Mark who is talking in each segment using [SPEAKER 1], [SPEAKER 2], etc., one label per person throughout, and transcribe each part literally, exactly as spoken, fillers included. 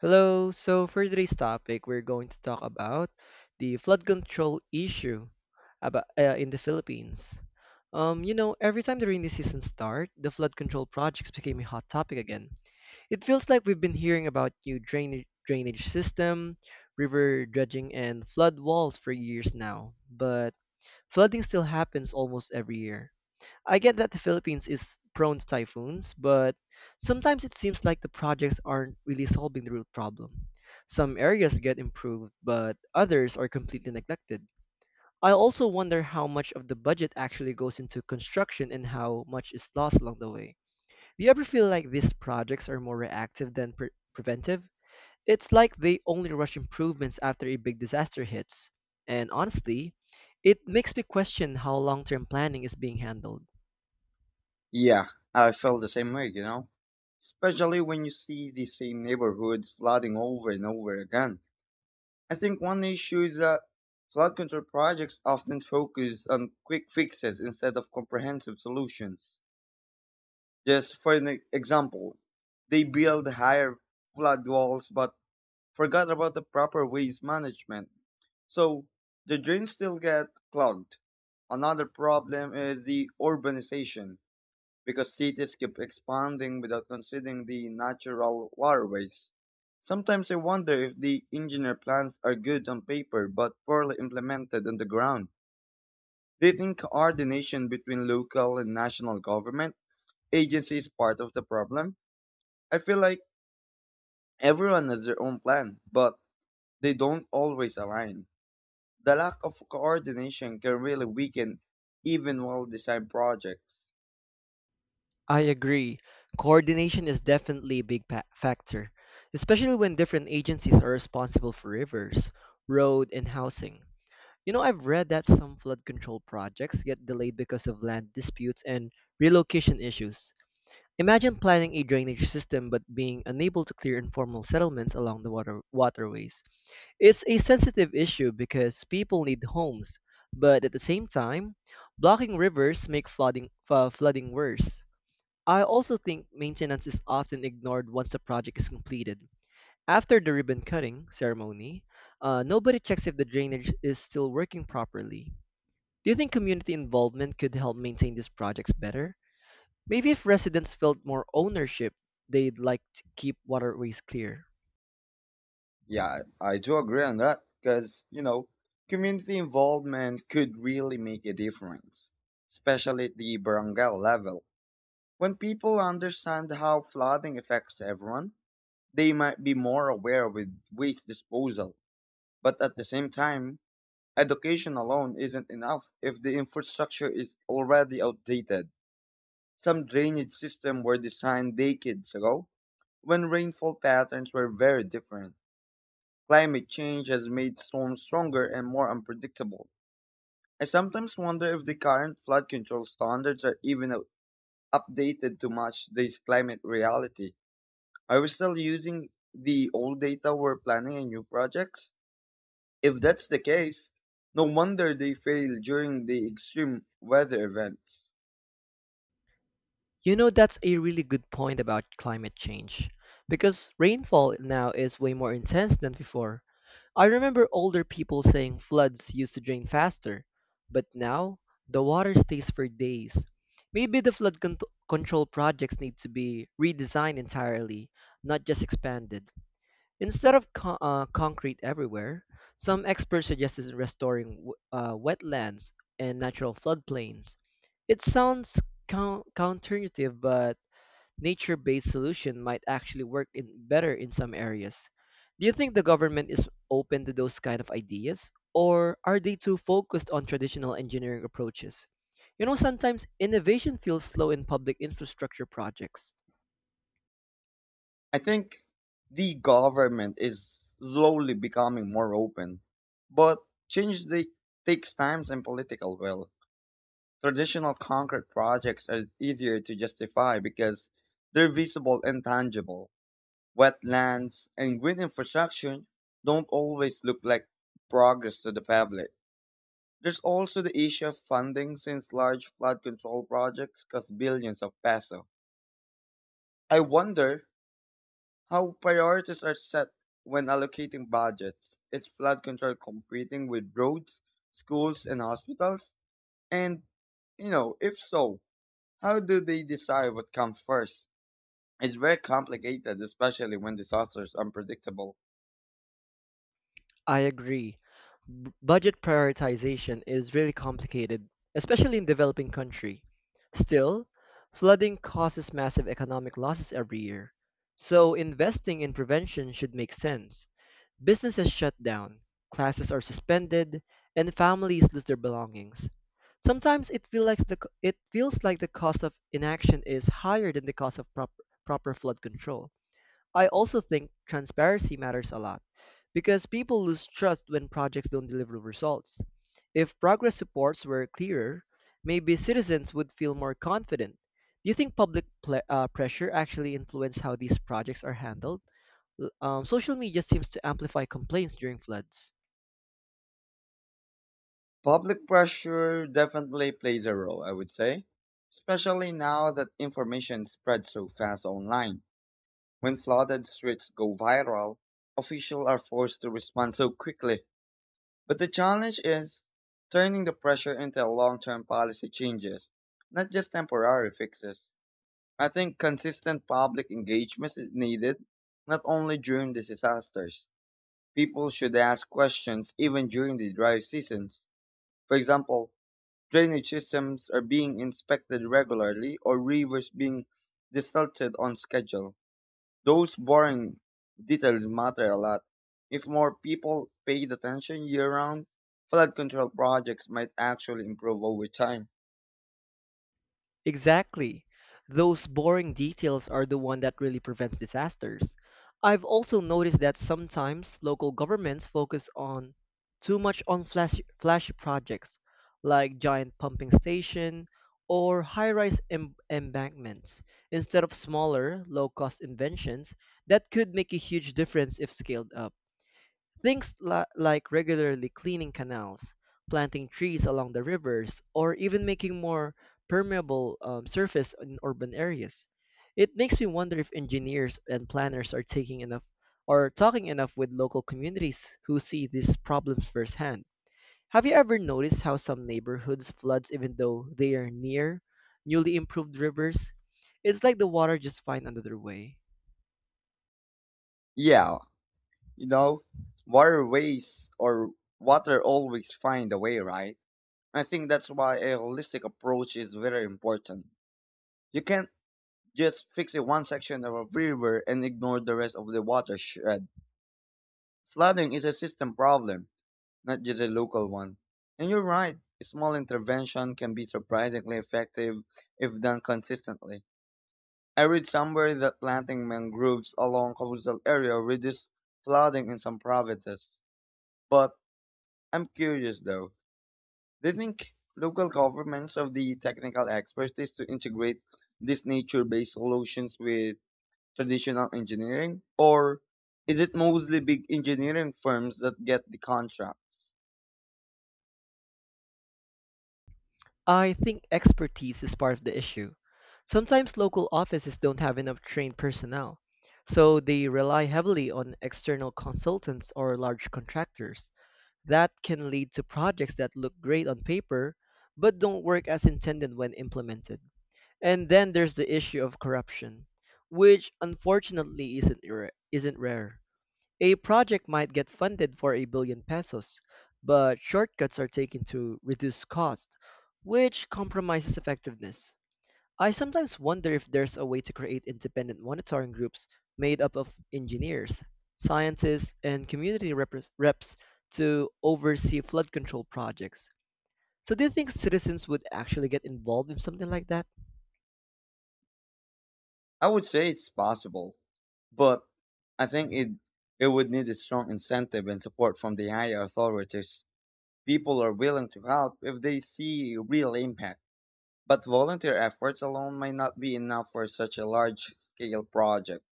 [SPEAKER 1] Hello. So for today's topic, we're going to talk about the flood control issue about uh, in the Philippines. Um, you know, every time the rainy season start, the flood control projects became a hot topic again. It feels like we've been hearing about new drainage drainage system, river dredging, and flood walls for years now. But flooding still happens almost every year. I get that the Philippines is prone to typhoons, but sometimes it seems like the projects aren't really solving the root problem. Some areas get improved, but others are completely neglected. I also wonder how much of the budget actually goes into construction and how much is lost along the way. Do you ever feel like these projects are more reactive than pre- preventive? It's like they only rush improvements after a big disaster hits. And honestly, it makes me question how long term planning is being handled.
[SPEAKER 2] Yeah, I felt the same way, you know. Especially when you see the same neighborhoods flooding over and over again. I think one issue is that flood control projects often focus on quick fixes instead of comprehensive solutions. Just for an example, they build higher flood walls but forgot about the proper waste management. So the drains still get clogged. Another problem is the urbanization because cities keep expanding without considering the natural waterways. Sometimes I wonder if the engineer plans are good on paper but poorly implemented on the ground. Do you think coordination between local and national government agencies is part of the problem? I feel like everyone has their own plan, but they don't always align. The lack of coordination can really weaken even well designed projects.
[SPEAKER 1] I agree. Coordination is definitely a big pa- factor, especially when different agencies are responsible for rivers, road, and housing. You know, I've read that some flood control projects get delayed because of land disputes and relocation issues. Imagine planning a drainage system but being unable to clear informal settlements along the water waterways. It's a sensitive issue because people need homes, but at the same time, blocking rivers make flooding uh, flooding worse. I also think maintenance is often ignored once the project is completed. After the ribbon cutting ceremony, uh, nobody checks if the drainage is still working properly. Do you think community involvement could help maintain these projects better? Maybe if residents felt more ownership, they'd like to keep waterways clear.
[SPEAKER 2] Yeah, I do agree on that because, you know, community involvement could really make a difference, especially at the barangay level. When people understand how flooding affects everyone, they might be more aware with waste disposal. But at the same time, education alone isn't enough if the infrastructure is already outdated. Some drainage systems were designed decades ago when rainfall patterns were very different. Climate change has made storms stronger and more unpredictable. I sometimes wonder if the current flood control standards are even u- updated to match this climate reality. Are we still using the old data we're planning in new projects? If that's the case, no wonder they fail during the extreme weather events.
[SPEAKER 1] You know, that's a really good point about climate change, because rainfall now is way more intense than before. I remember older people saying floods used to drain faster, but now the water stays for days. Maybe the flood cont- control projects need to be redesigned entirely, not just expanded. Instead of co- uh, concrete everywhere, some experts suggested restoring w- uh, wetlands and natural floodplains. It sounds coun- counterintuitive, but nature-based solution might actually work in better in some areas. Do you think the government is open to those kind of ideas, or are they too focused on traditional engineering approaches? You know, sometimes innovation feels slow in public infrastructure projects.
[SPEAKER 2] I think the government is slowly becoming more open, but change the, takes time and political will. Traditional concrete projects are easier to justify because they're visible and tangible. Wetlands and green infrastructure don't always look like progress to the public. There's also the issue of funding since large flood control projects cost billions of peso. I wonder how priorities are set when allocating budgets. Is flood control competing with roads, schools, and hospitals? And, you know, if so, how do they decide what comes first? It's very complicated, especially when disasters are unpredictable.
[SPEAKER 1] I agree. B- budget prioritization is really complicated, especially in developing country. Still, flooding causes massive economic losses every year. So investing in prevention should make sense. Businesses shut down, classes are suspended, and families lose their belongings. Sometimes it feels like the co- it feels like the cost of inaction is higher than the cost of prop, proper flood control. I also think transparency matters a lot because people lose trust when projects don't deliver results. If progress reports were clearer, maybe citizens would feel more confident. Do you think public ple- uh, pressure actually influences how these projects are handled? L- Um, social media seems to amplify complaints during floods.
[SPEAKER 2] Public pressure definitely plays a role, I would say, especially now that information spreads so fast online. When flooded streets go viral, officials are forced to respond so quickly. But the challenge is turning the pressure into long term policy changes, not just temporary fixes. I think consistent public engagement is needed, not only during the disasters. People should ask questions even during the dry seasons. For example, drainage systems are being inspected regularly or rivers being desalted on schedule. Those boring details matter a lot. If more people paid attention year round, flood control projects might actually improve over time.
[SPEAKER 1] Exactly. Those boring details are the one that really prevents disasters. I've also noticed that sometimes local governments focus on too much on flashy, flashy projects like giant pumping station or high-rise em- embankments instead of smaller, low-cost inventions that could make a huge difference if scaled up. Things li- like regularly cleaning canals, planting trees along the rivers, or even making more permeable um, surface in urban areas. It makes me wonder if engineers and planners are taking enough or talking enough with local communities who see these problems firsthand. Have you ever noticed how some neighborhoods floods even though they are near newly improved rivers? It's like the water just finds another way.
[SPEAKER 2] Yeah, you know, waterways or water always find a way, right? I think that's why a holistic approach is very important. You can't just fix a one section of a river and ignore the rest of the watershed. Flooding is a system problem, not just a local one. And you're right, small intervention can be surprisingly effective if done consistently. I read somewhere that planting mangroves along coastal area reduces flooding in some provinces. But I'm curious though. Do you think local governments have the technical expertise to integrate these nature-based solutions with traditional engineering, or is it mostly big engineering firms that get the contracts?
[SPEAKER 1] I think expertise is part of the issue. Sometimes local offices don't have enough trained personnel, so they rely heavily on external consultants or large contractors. That can lead to projects that look great on paper but don't work as intended when implemented. And then there's the issue of corruption, which unfortunately isn't rare- isn't rare. A project might get funded for a billion pesos, but shortcuts are taken to reduce cost, which compromises effectiveness. I sometimes wonder if there's a way to create independent monitoring groups made up of engineers, scientists, and community repres- reps to oversee flood control projects. So, do you think citizens would actually get involved in something like that?
[SPEAKER 2] I would say it's possible, but I think it it would need a strong incentive and support from the higher authorities. People are willing to help if they see real impact, but volunteer efforts alone might not be enough for such a large-scale project.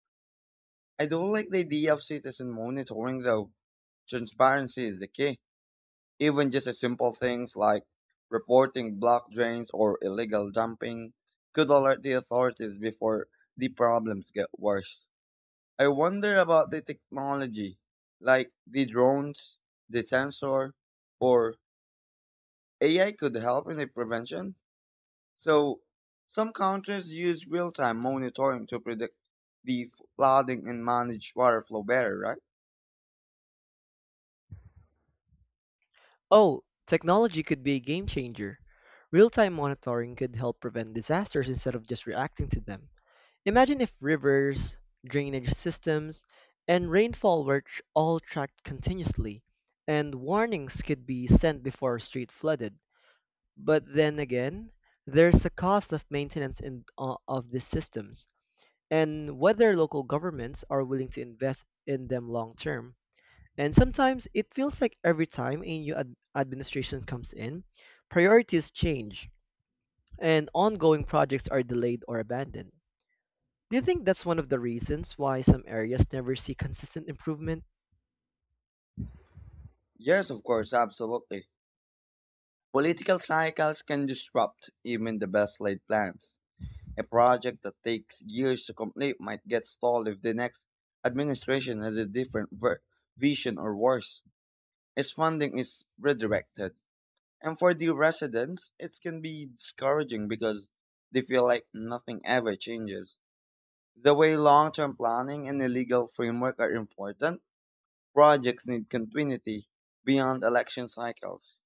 [SPEAKER 2] I don't like the idea of citizen monitoring though. Transparency is the key. Even just a simple things like reporting block drains or illegal dumping could alert the authorities before the problems get worse. I wonder about the technology, like the drones, the sensor, or A I could help in the prevention. So some countries use real-time monitoring to predict the flooding and manage water flow better, right?
[SPEAKER 1] Oh, technology could be a game changer. Real time monitoring could help prevent disasters instead of just reacting to them. Imagine if rivers, drainage systems, and rainfall were tr- all tracked continuously, and warnings could be sent before a street flooded. But then again, there's a cost of maintenance in, uh, of these systems, and whether local governments are willing to invest in them long term. And sometimes it feels like every time a new ad- administration comes in, priorities change, and ongoing projects are delayed or abandoned. Do you think that's one of the reasons why some areas never see consistent improvement?
[SPEAKER 2] Yes, of course, absolutely. Political cycles can disrupt even the best laid plans. A project that takes years to complete might get stalled if the next administration has a different ver- vision or worse. Its funding is redirected. And for the residents, it can be discouraging because they feel like nothing ever changes. The way long term planning and a legal framework are important, projects need continuity beyond election cycles.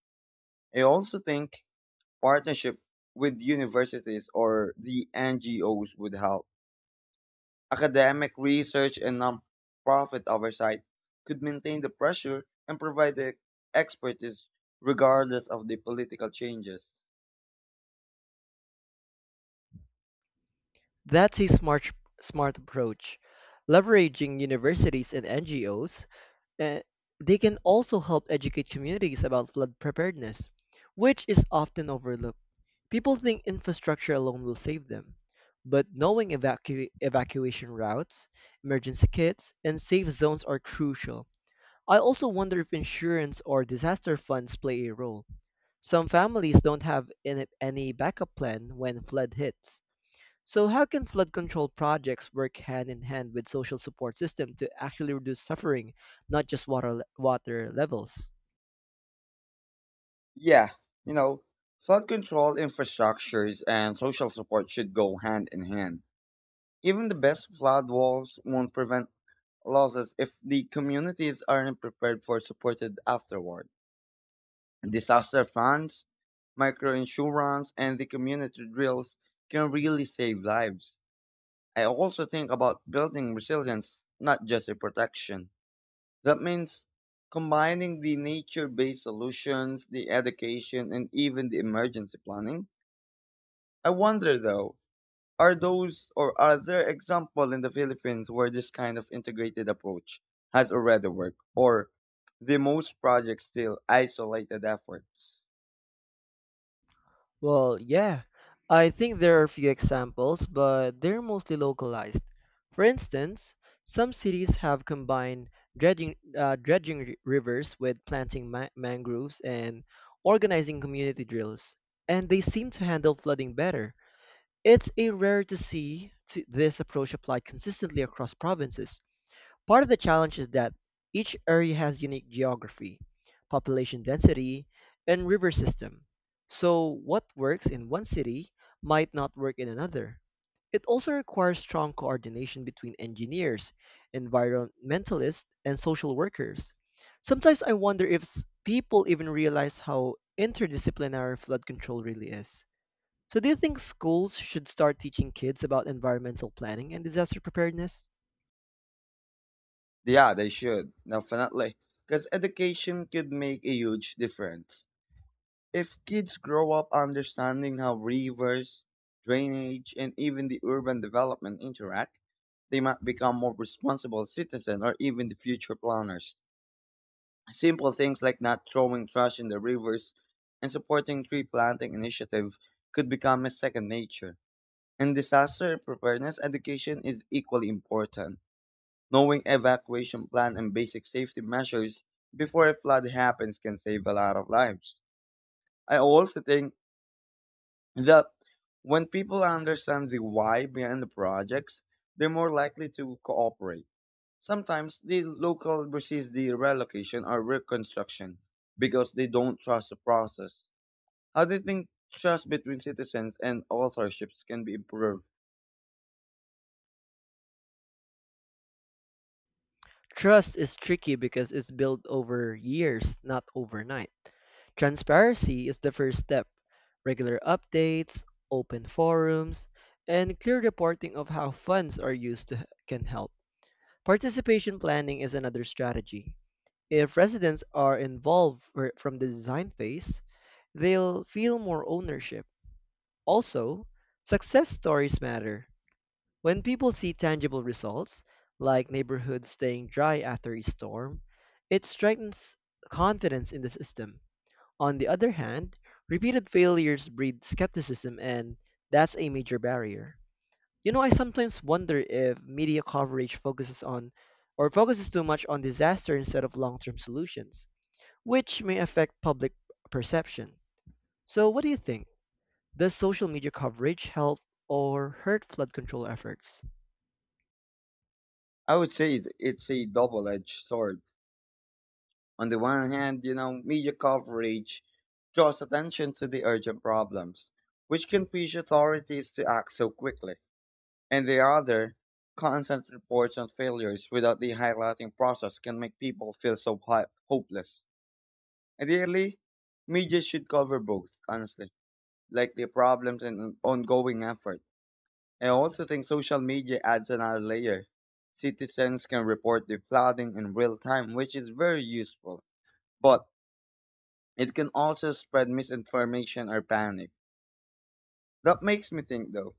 [SPEAKER 2] I also think partnership with universities or the N G Os would help. Academic research and nonprofit oversight could maintain the pressure and provide the expertise regardless of the political changes.
[SPEAKER 1] That's a smart smart approach. Leveraging universities and N G Os, eh, they can also help educate communities about flood preparedness, which is often overlooked. People think infrastructure alone will save them, but knowing evacu- evacuation routes, emergency kits, and safe zones are crucial. I also wonder if insurance or disaster funds play a role. Some families don't have in- any backup plan when flood hits. So how can flood control projects work hand in hand with social support system to actually reduce suffering, not just water le- water levels?
[SPEAKER 2] Yeah, you know, flood control infrastructures and social support should go hand in hand. Even the best flood walls won't prevent losses if the communities aren't prepared for supported afterward. Disaster funds, microinsurance, and the community drills can really save lives. I also think about building resilience, not just a protection. That means combining the nature based solutions, the education, and even the emergency planning. I wonder though, are those or are there examples in the Philippines where this kind of integrated approach has already worked, or the most projects still isolated efforts?
[SPEAKER 1] Well, yeah. I think there are a few examples, but they're mostly localized. For instance, some cities have combined dredging, uh, dredging ri- rivers with planting ma- mangroves and organizing community drills, and they seem to handle flooding better. It's a rare to see to this approach applied consistently across provinces. Part of the challenge is that each area has unique geography, population density, and river system. So what works in one city might not work in another. It also requires strong coordination between engineers, environmentalists, and social workers. Sometimes I wonder if s- people even realize how interdisciplinary flood control really is. So, do you think schools should start teaching kids about environmental planning and disaster preparedness?
[SPEAKER 2] Yeah, they should, definitely. Because education could make a huge difference. If kids grow up understanding how rivers, drainage, and even the urban development interact, they might become more responsible citizens or even the future planners. Simple things like not throwing trash in the rivers and supporting tree planting initiative could become a second nature. And disaster preparedness education is equally important. Knowing evacuation plan and basic safety measures before a flood happens can save a lot of lives. I also think that when people understand the why behind the projects, they're more likely to cooperate. Sometimes the local resist the relocation or reconstruction because they don't trust the process. How do you think trust between citizens and authorships can be improved?
[SPEAKER 1] Trust is tricky because it's built over years, not overnight. Transparency is the first step. Regular updates, open forums, and clear reporting of how funds are used to, can help. Participation planning is another strategy. If residents are involved fr- from the design phase, they'll feel more ownership. Also, success stories matter. When people see tangible results, like neighborhoods staying dry after a storm, it strengthens confidence in the system. On the other hand, repeated failures breed skepticism, and that's a major barrier. You know, I sometimes wonder if media coverage focuses on or focuses too much on disaster instead of long term solutions, which may affect public perception. So, what do you think? Does social media coverage help or hurt flood control efforts?
[SPEAKER 2] I would say it- it's a double-edged sword. On the one hand, you know, media coverage draws attention to the urgent problems, which can push authorities to act so quickly. And the other, constant reports on failures without the highlighting process can make people feel so hi- hopeless. Ideally, media should cover both, honestly, like the problems and ongoing effort. I also think social media adds another layer. Citizens can report the flooding in real time, which is very useful. But it can also spread misinformation or panic. That makes me think though,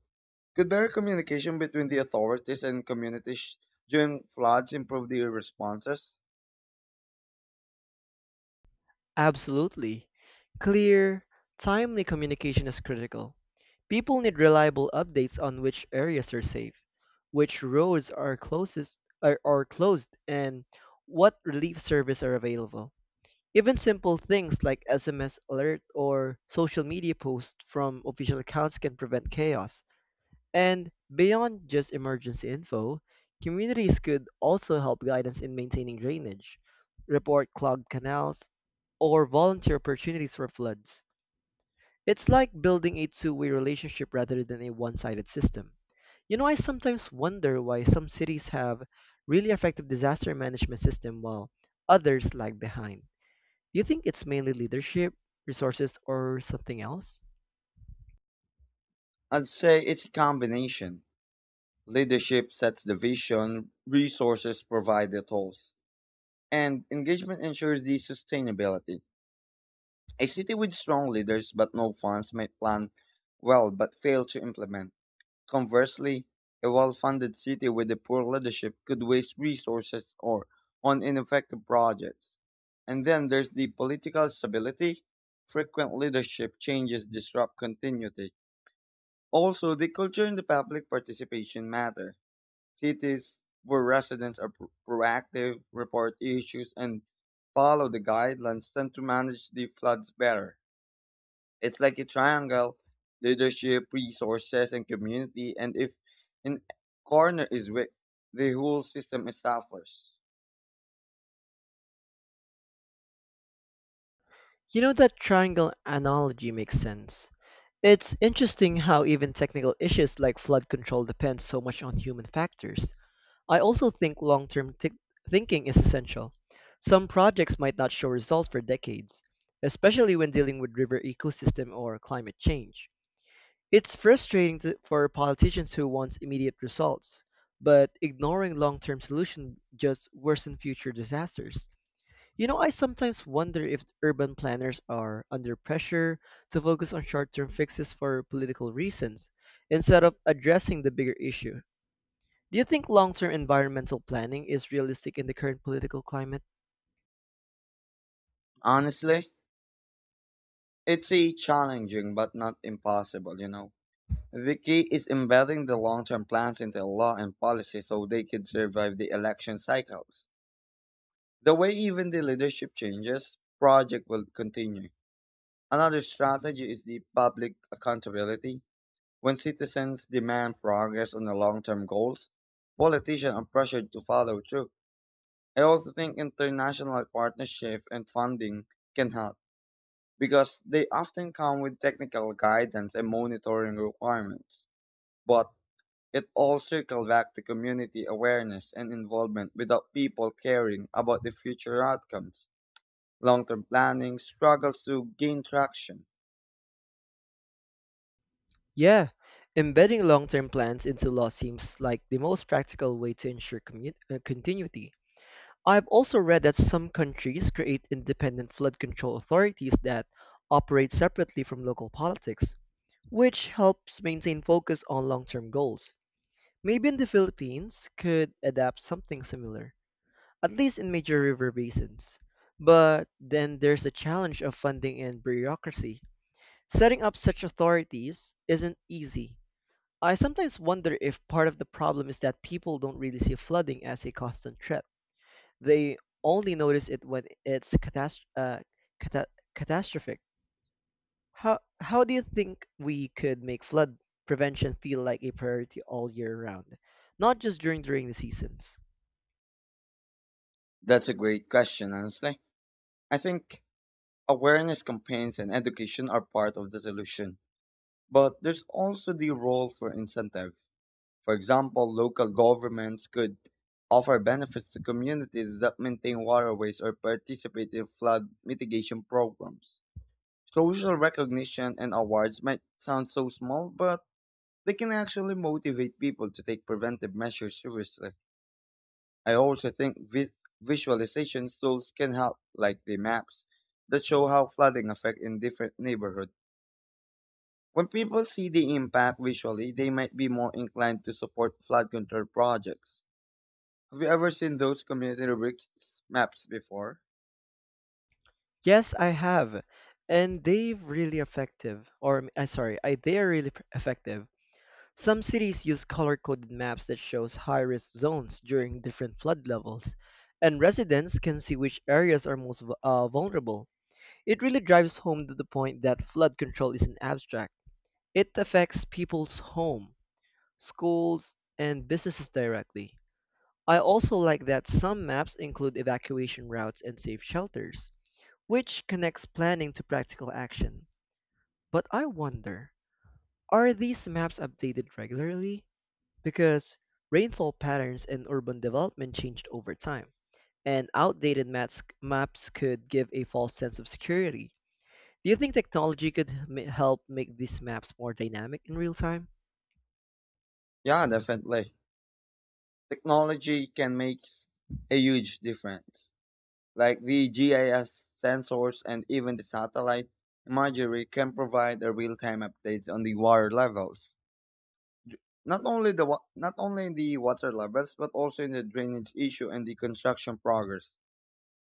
[SPEAKER 2] could better communication between the authorities and communities during floods improve their responses?
[SPEAKER 1] Absolutely. Clear, timely communication is critical. People need reliable updates on which areas are safe, which roads are closest are, are closed, and what relief services are available. Even simple things like S M S alert or social media posts from official accounts can prevent chaos. And beyond just emergency info, communities could also help guidance in maintaining drainage, report clogged canals, or volunteer opportunities for floods. It's like building a two way relationship rather than a one sided system. You know, I sometimes wonder why some cities have really effective disaster management system while others lag behind. Do you think it's mainly leadership, resources, or something else?
[SPEAKER 2] I'd say it's a combination. Leadership sets the vision, resources provide the tools, and engagement ensures the sustainability. A city with strong leaders but no funds might plan well but fail to implement. Conversely, a well-funded city with a poor leadership could waste resources or on ineffective projects. And then there's the political stability. Frequent leadership changes disrupt continuity. Also, the culture and the public participation matter. Cities where residents are pro- proactive, report issues, and follow the guidelines tend to manage the floods better. It's like a triangle: leadership, resources, and community. And if in corner is weak, the whole system suffers.
[SPEAKER 1] You know, that triangle analogy makes sense. It's interesting how even technical issues like flood control depend so much on human factors. I also think long term thinking is essential. Some projects might not show results for decades, especially when dealing with river ecosystem or climate change. It's frustrating to, for politicians who want immediate results, but ignoring long term solutions just worsen future disasters. You know, I sometimes wonder if urban planners are under pressure to focus on short term fixes for political reasons instead of addressing the bigger issue. Do you think long term environmental planning is realistic in the current political climate?
[SPEAKER 2] Honestly, it's a challenging but not impossible, you know. The key is embedding the long term plans into law and policy so they can survive the election cycles. The way even the leadership changes, project will continue. Another strategy is the public accountability. When citizens demand progress on the long-term goals, politicians are pressured to follow through. I also think international partnership and funding can help because they often come with technical guidance and monitoring requirements. But it all circles back to community awareness and involvement without people caring about the future outcomes. Long-term planning struggles to gain traction.
[SPEAKER 1] Yeah, embedding long term plans into law seems like the most practical way to ensure commu- uh, continuity. I've also read that some countries create independent flood control authorities that operate separately from local politics, which helps maintain focus on long-term goals. Maybe in the Philippines could adapt something similar, at least in major river basins. But then there's the challenge of funding and bureaucracy. Setting up such authorities isn't easy. I sometimes wonder if part of the problem is that people don't really see flooding as a constant threat. They only notice it when it's catas- uh, cata- catastrophic. How how do you think we could make flood prevention feel like a priority all year round, not just during the rainy seasons?
[SPEAKER 2] That's a great question, honestly. I think awareness campaigns and education are part of the solution, but there's also the role for incentive. For example, local governments could offer benefits to communities that maintain waterways or participate in flood mitigation programs. Social recognition and awards might sound so small, but they can actually motivate people to take preventive measures seriously. I also think vi- visualization tools can help, like the maps that show how flooding affects in different neighborhoods. When people see the impact visually, they might be more inclined to support flood control projects. Have you ever seen those community rubrics maps before?
[SPEAKER 1] Yes, I have, and they've really effective. Or m- uh, sorry, I they are really p- effective. Some cities use color-coded maps that shows high-risk zones during different flood levels, and residents can see which areas are most vu- uh, vulnerable. It really drives home to the point that flood control isn't abstract. It affects people's home schools, and businesses directly. I also like that some maps include evacuation routes and safe shelters, which connects planning to practical action. But I wonder, are these maps updated regularly? Because rainfall patterns and urban development changed over time, and outdated maps, maps could give a false sense of security. Do you think technology could ma- help make these maps more dynamic in real time?
[SPEAKER 2] Yeah, definitely. Technology can make a huge difference. Like the G I S sensors and even the satellite imagery can provide a real-time updates on the water levels. Not only the wa- not only the water levels, but also in the drainage issue and the construction progress.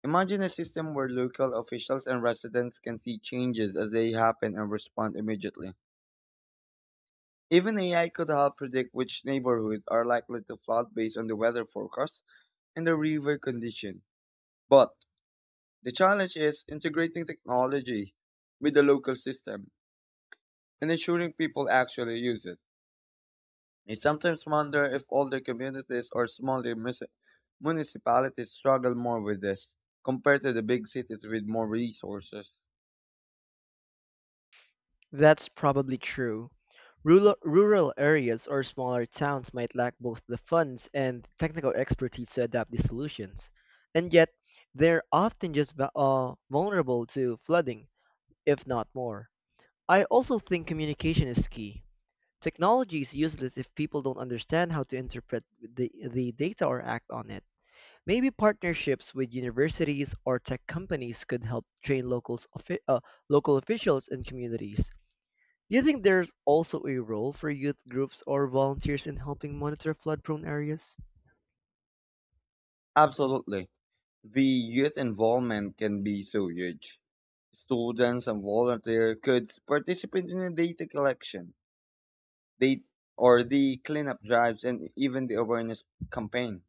[SPEAKER 2] Imagine a system where local officials and residents can see changes as they happen and respond immediately. Even A I could help predict which neighborhoods are likely to flood based on the weather forecast and the river condition. But the challenge is integrating technology with the local system and ensuring people actually use it. I sometimes wonder if older communities or smaller mus- municipalities struggle more with this compared to the big cities with more resources.
[SPEAKER 1] That's probably true. Rural, rural areas or smaller towns might lack both the funds and technical expertise to adapt these solutions, and yet they're often just va- uh, vulnerable to flooding, if not more. I also think communication is key. Technology is useless if people don't understand how to interpret the, the data or act on it. Maybe partnerships with universities or tech companies could help train locals, uh, local officials and communities. Do you think there's also a role for youth groups or volunteers in helping monitor flood prone areas?
[SPEAKER 2] Absolutely. The youth involvement can be so huge. Students and volunteer could participate in the data collection, they or the cleanup drives, and even the awareness campaign.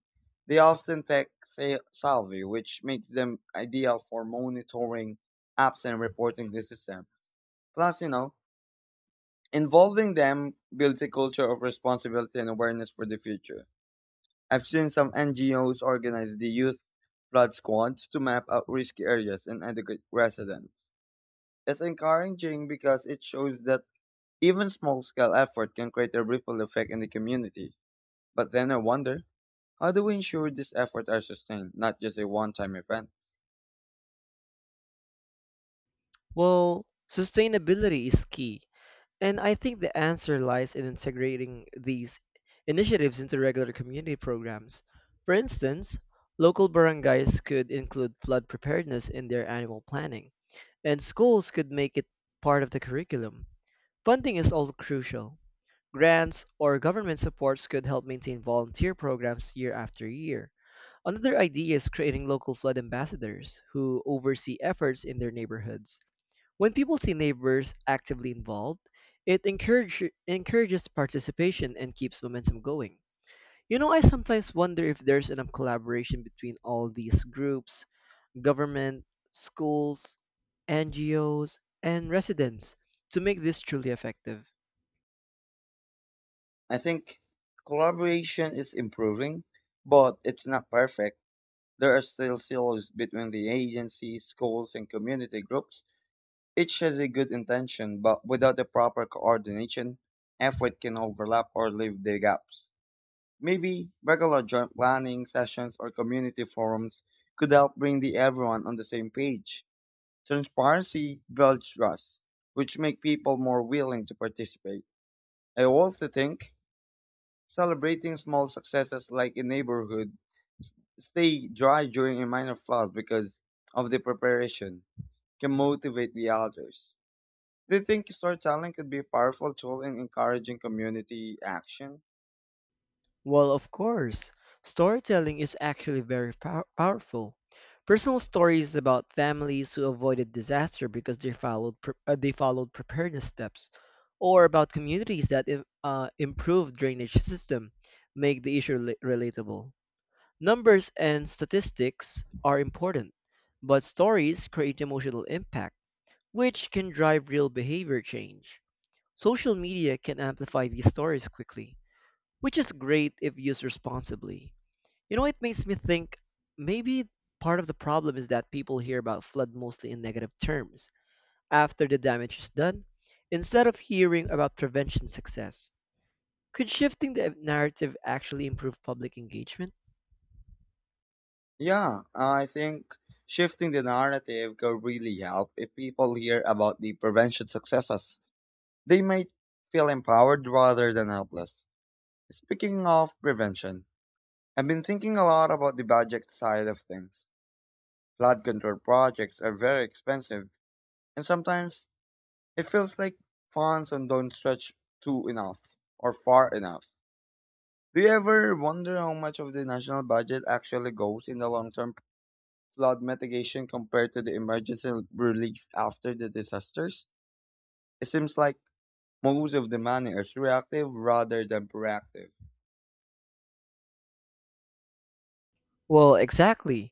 [SPEAKER 2] They often take sa- salary, which makes them ideal for monitoring apps and reporting the system. Plus, you know, involving them builds a culture of responsibility and awareness for the future. I've seen some N G Os organize the youth flood squads to map out risky areas and educate residents. It's encouraging because it shows that even small scale effort can create a ripple effect in the community. But then I wonder, how do we ensure these efforts are sustained, not just a one time event?
[SPEAKER 1] Well, sustainability is key. And I think the answer lies in integrating these initiatives into regular community programs. For instance, local barangays could include flood preparedness in their annual planning, and schools could make it part of the curriculum. Funding is also crucial. Grants or government supports could help maintain volunteer programs year after year. Another idea is creating local flood ambassadors who oversee efforts in their neighborhoods. When people see neighbors actively involved, it encourage, encourages participation and keeps momentum going. You know, I sometimes wonder if there's enough collaboration between all these groups, government, schools, N G Os, and residents to make this truly effective.
[SPEAKER 2] I think collaboration is improving, but it's not perfect. There are still silos between the agencies, schools, and community groups. Each has a good intention, but without the proper coordination, effort can overlap or leave the gaps. Maybe regular joint planning sessions or community forums could help bring the everyone on the same page. Transparency builds trust, which make people more willing to participate. I also think celebrating small successes like a neighborhood s- stay dry during a minor flood because of the preparation can motivate the others. Do you think storytelling could be a powerful tool in encouraging community action?
[SPEAKER 1] Well, of course, storytelling is actually very pow- powerful. Personal stories about families who avoided disaster because they followed pre- uh, they followed preparedness steps, or about communities that im- uh, improved drainage system, make the issue rela- relatable. Numbers and statistics are important, but stories create emotional impact, which can drive real behavior change. Social media can amplify these stories quickly, which is great if used responsibly. You know, it makes me think maybe part of the problem is that people hear about flood mostly in negative terms after the damage is done, instead of hearing about prevention success. Could shifting the narrative actually improve public engagement?
[SPEAKER 2] Yeah, I think shifting the narrative could really help. If people hear about the prevention successes, they might feel empowered rather than helpless. Speaking of prevention, I've been thinking a lot about the budget side of things. Flood control projects are very expensive, and sometimes it feels like funds don't stretch to enough or far enough. Do you ever wonder how much of the national budget actually goes in the long term flood mitigation compared to the emergency relief after the disasters? It seems like most of the money is reactive rather than proactive.
[SPEAKER 1] Well, exactly.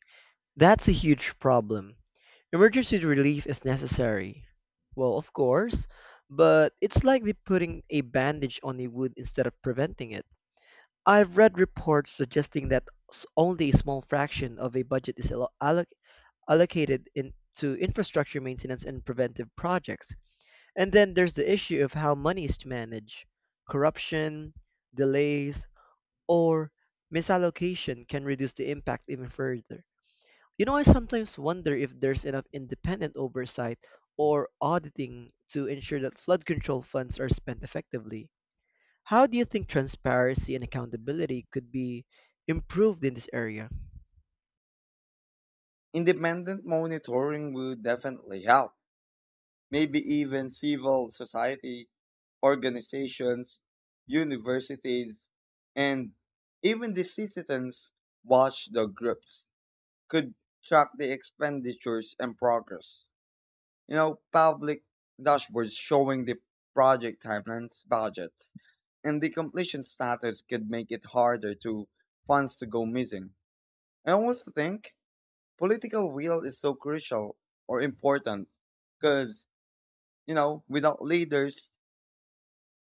[SPEAKER 1] That's a huge problem. Emergency relief is necessary. Well, of course, but it's like they putting a bandage on a wound instead of preventing it. I've read reports suggesting that s- only a small fraction of a budget is allo- alloc- allocated in, to infrastructure maintenance and preventive projects. And then there's the issue of how money is managed. Corruption, delays, or misallocation can reduce the impact even further. You know, I sometimes wonder if there's enough independent oversight or auditing to ensure that flood control funds are spent effectively. How do you think transparency and accountability could be improved in this area?
[SPEAKER 2] Independent monitoring would definitely help. Maybe even civil society organizations, universities, and even the citizens watchdog groups could track the expenditures and progress. You know, public dashboards showing the project timelines, budgets, and the completion status could make it harder to funds to go missing. I almost think political will is so crucial or important because, you know, without leaders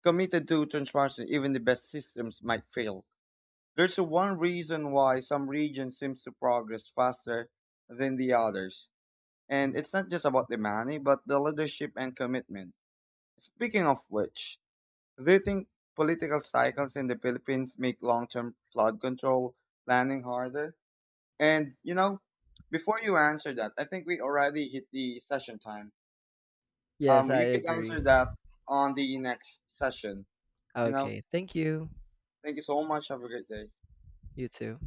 [SPEAKER 2] committed to transparency, even the best systems might fail. There's a one reason why some regions seems to progress faster than the others. And it's not just about the money, but the leadership and commitment. Speaking of which, do you think political cycles in the Philippines make long-term flood control planning harder? And you know, before you answer that, I think we already hit the session time.
[SPEAKER 1] Yes,
[SPEAKER 2] Um,
[SPEAKER 1] I
[SPEAKER 2] you could answer
[SPEAKER 1] agree.
[SPEAKER 2] that on the next session. You know,
[SPEAKER 1] Okay, thank you.
[SPEAKER 2] thank you so much. Have a great day.
[SPEAKER 1] You too.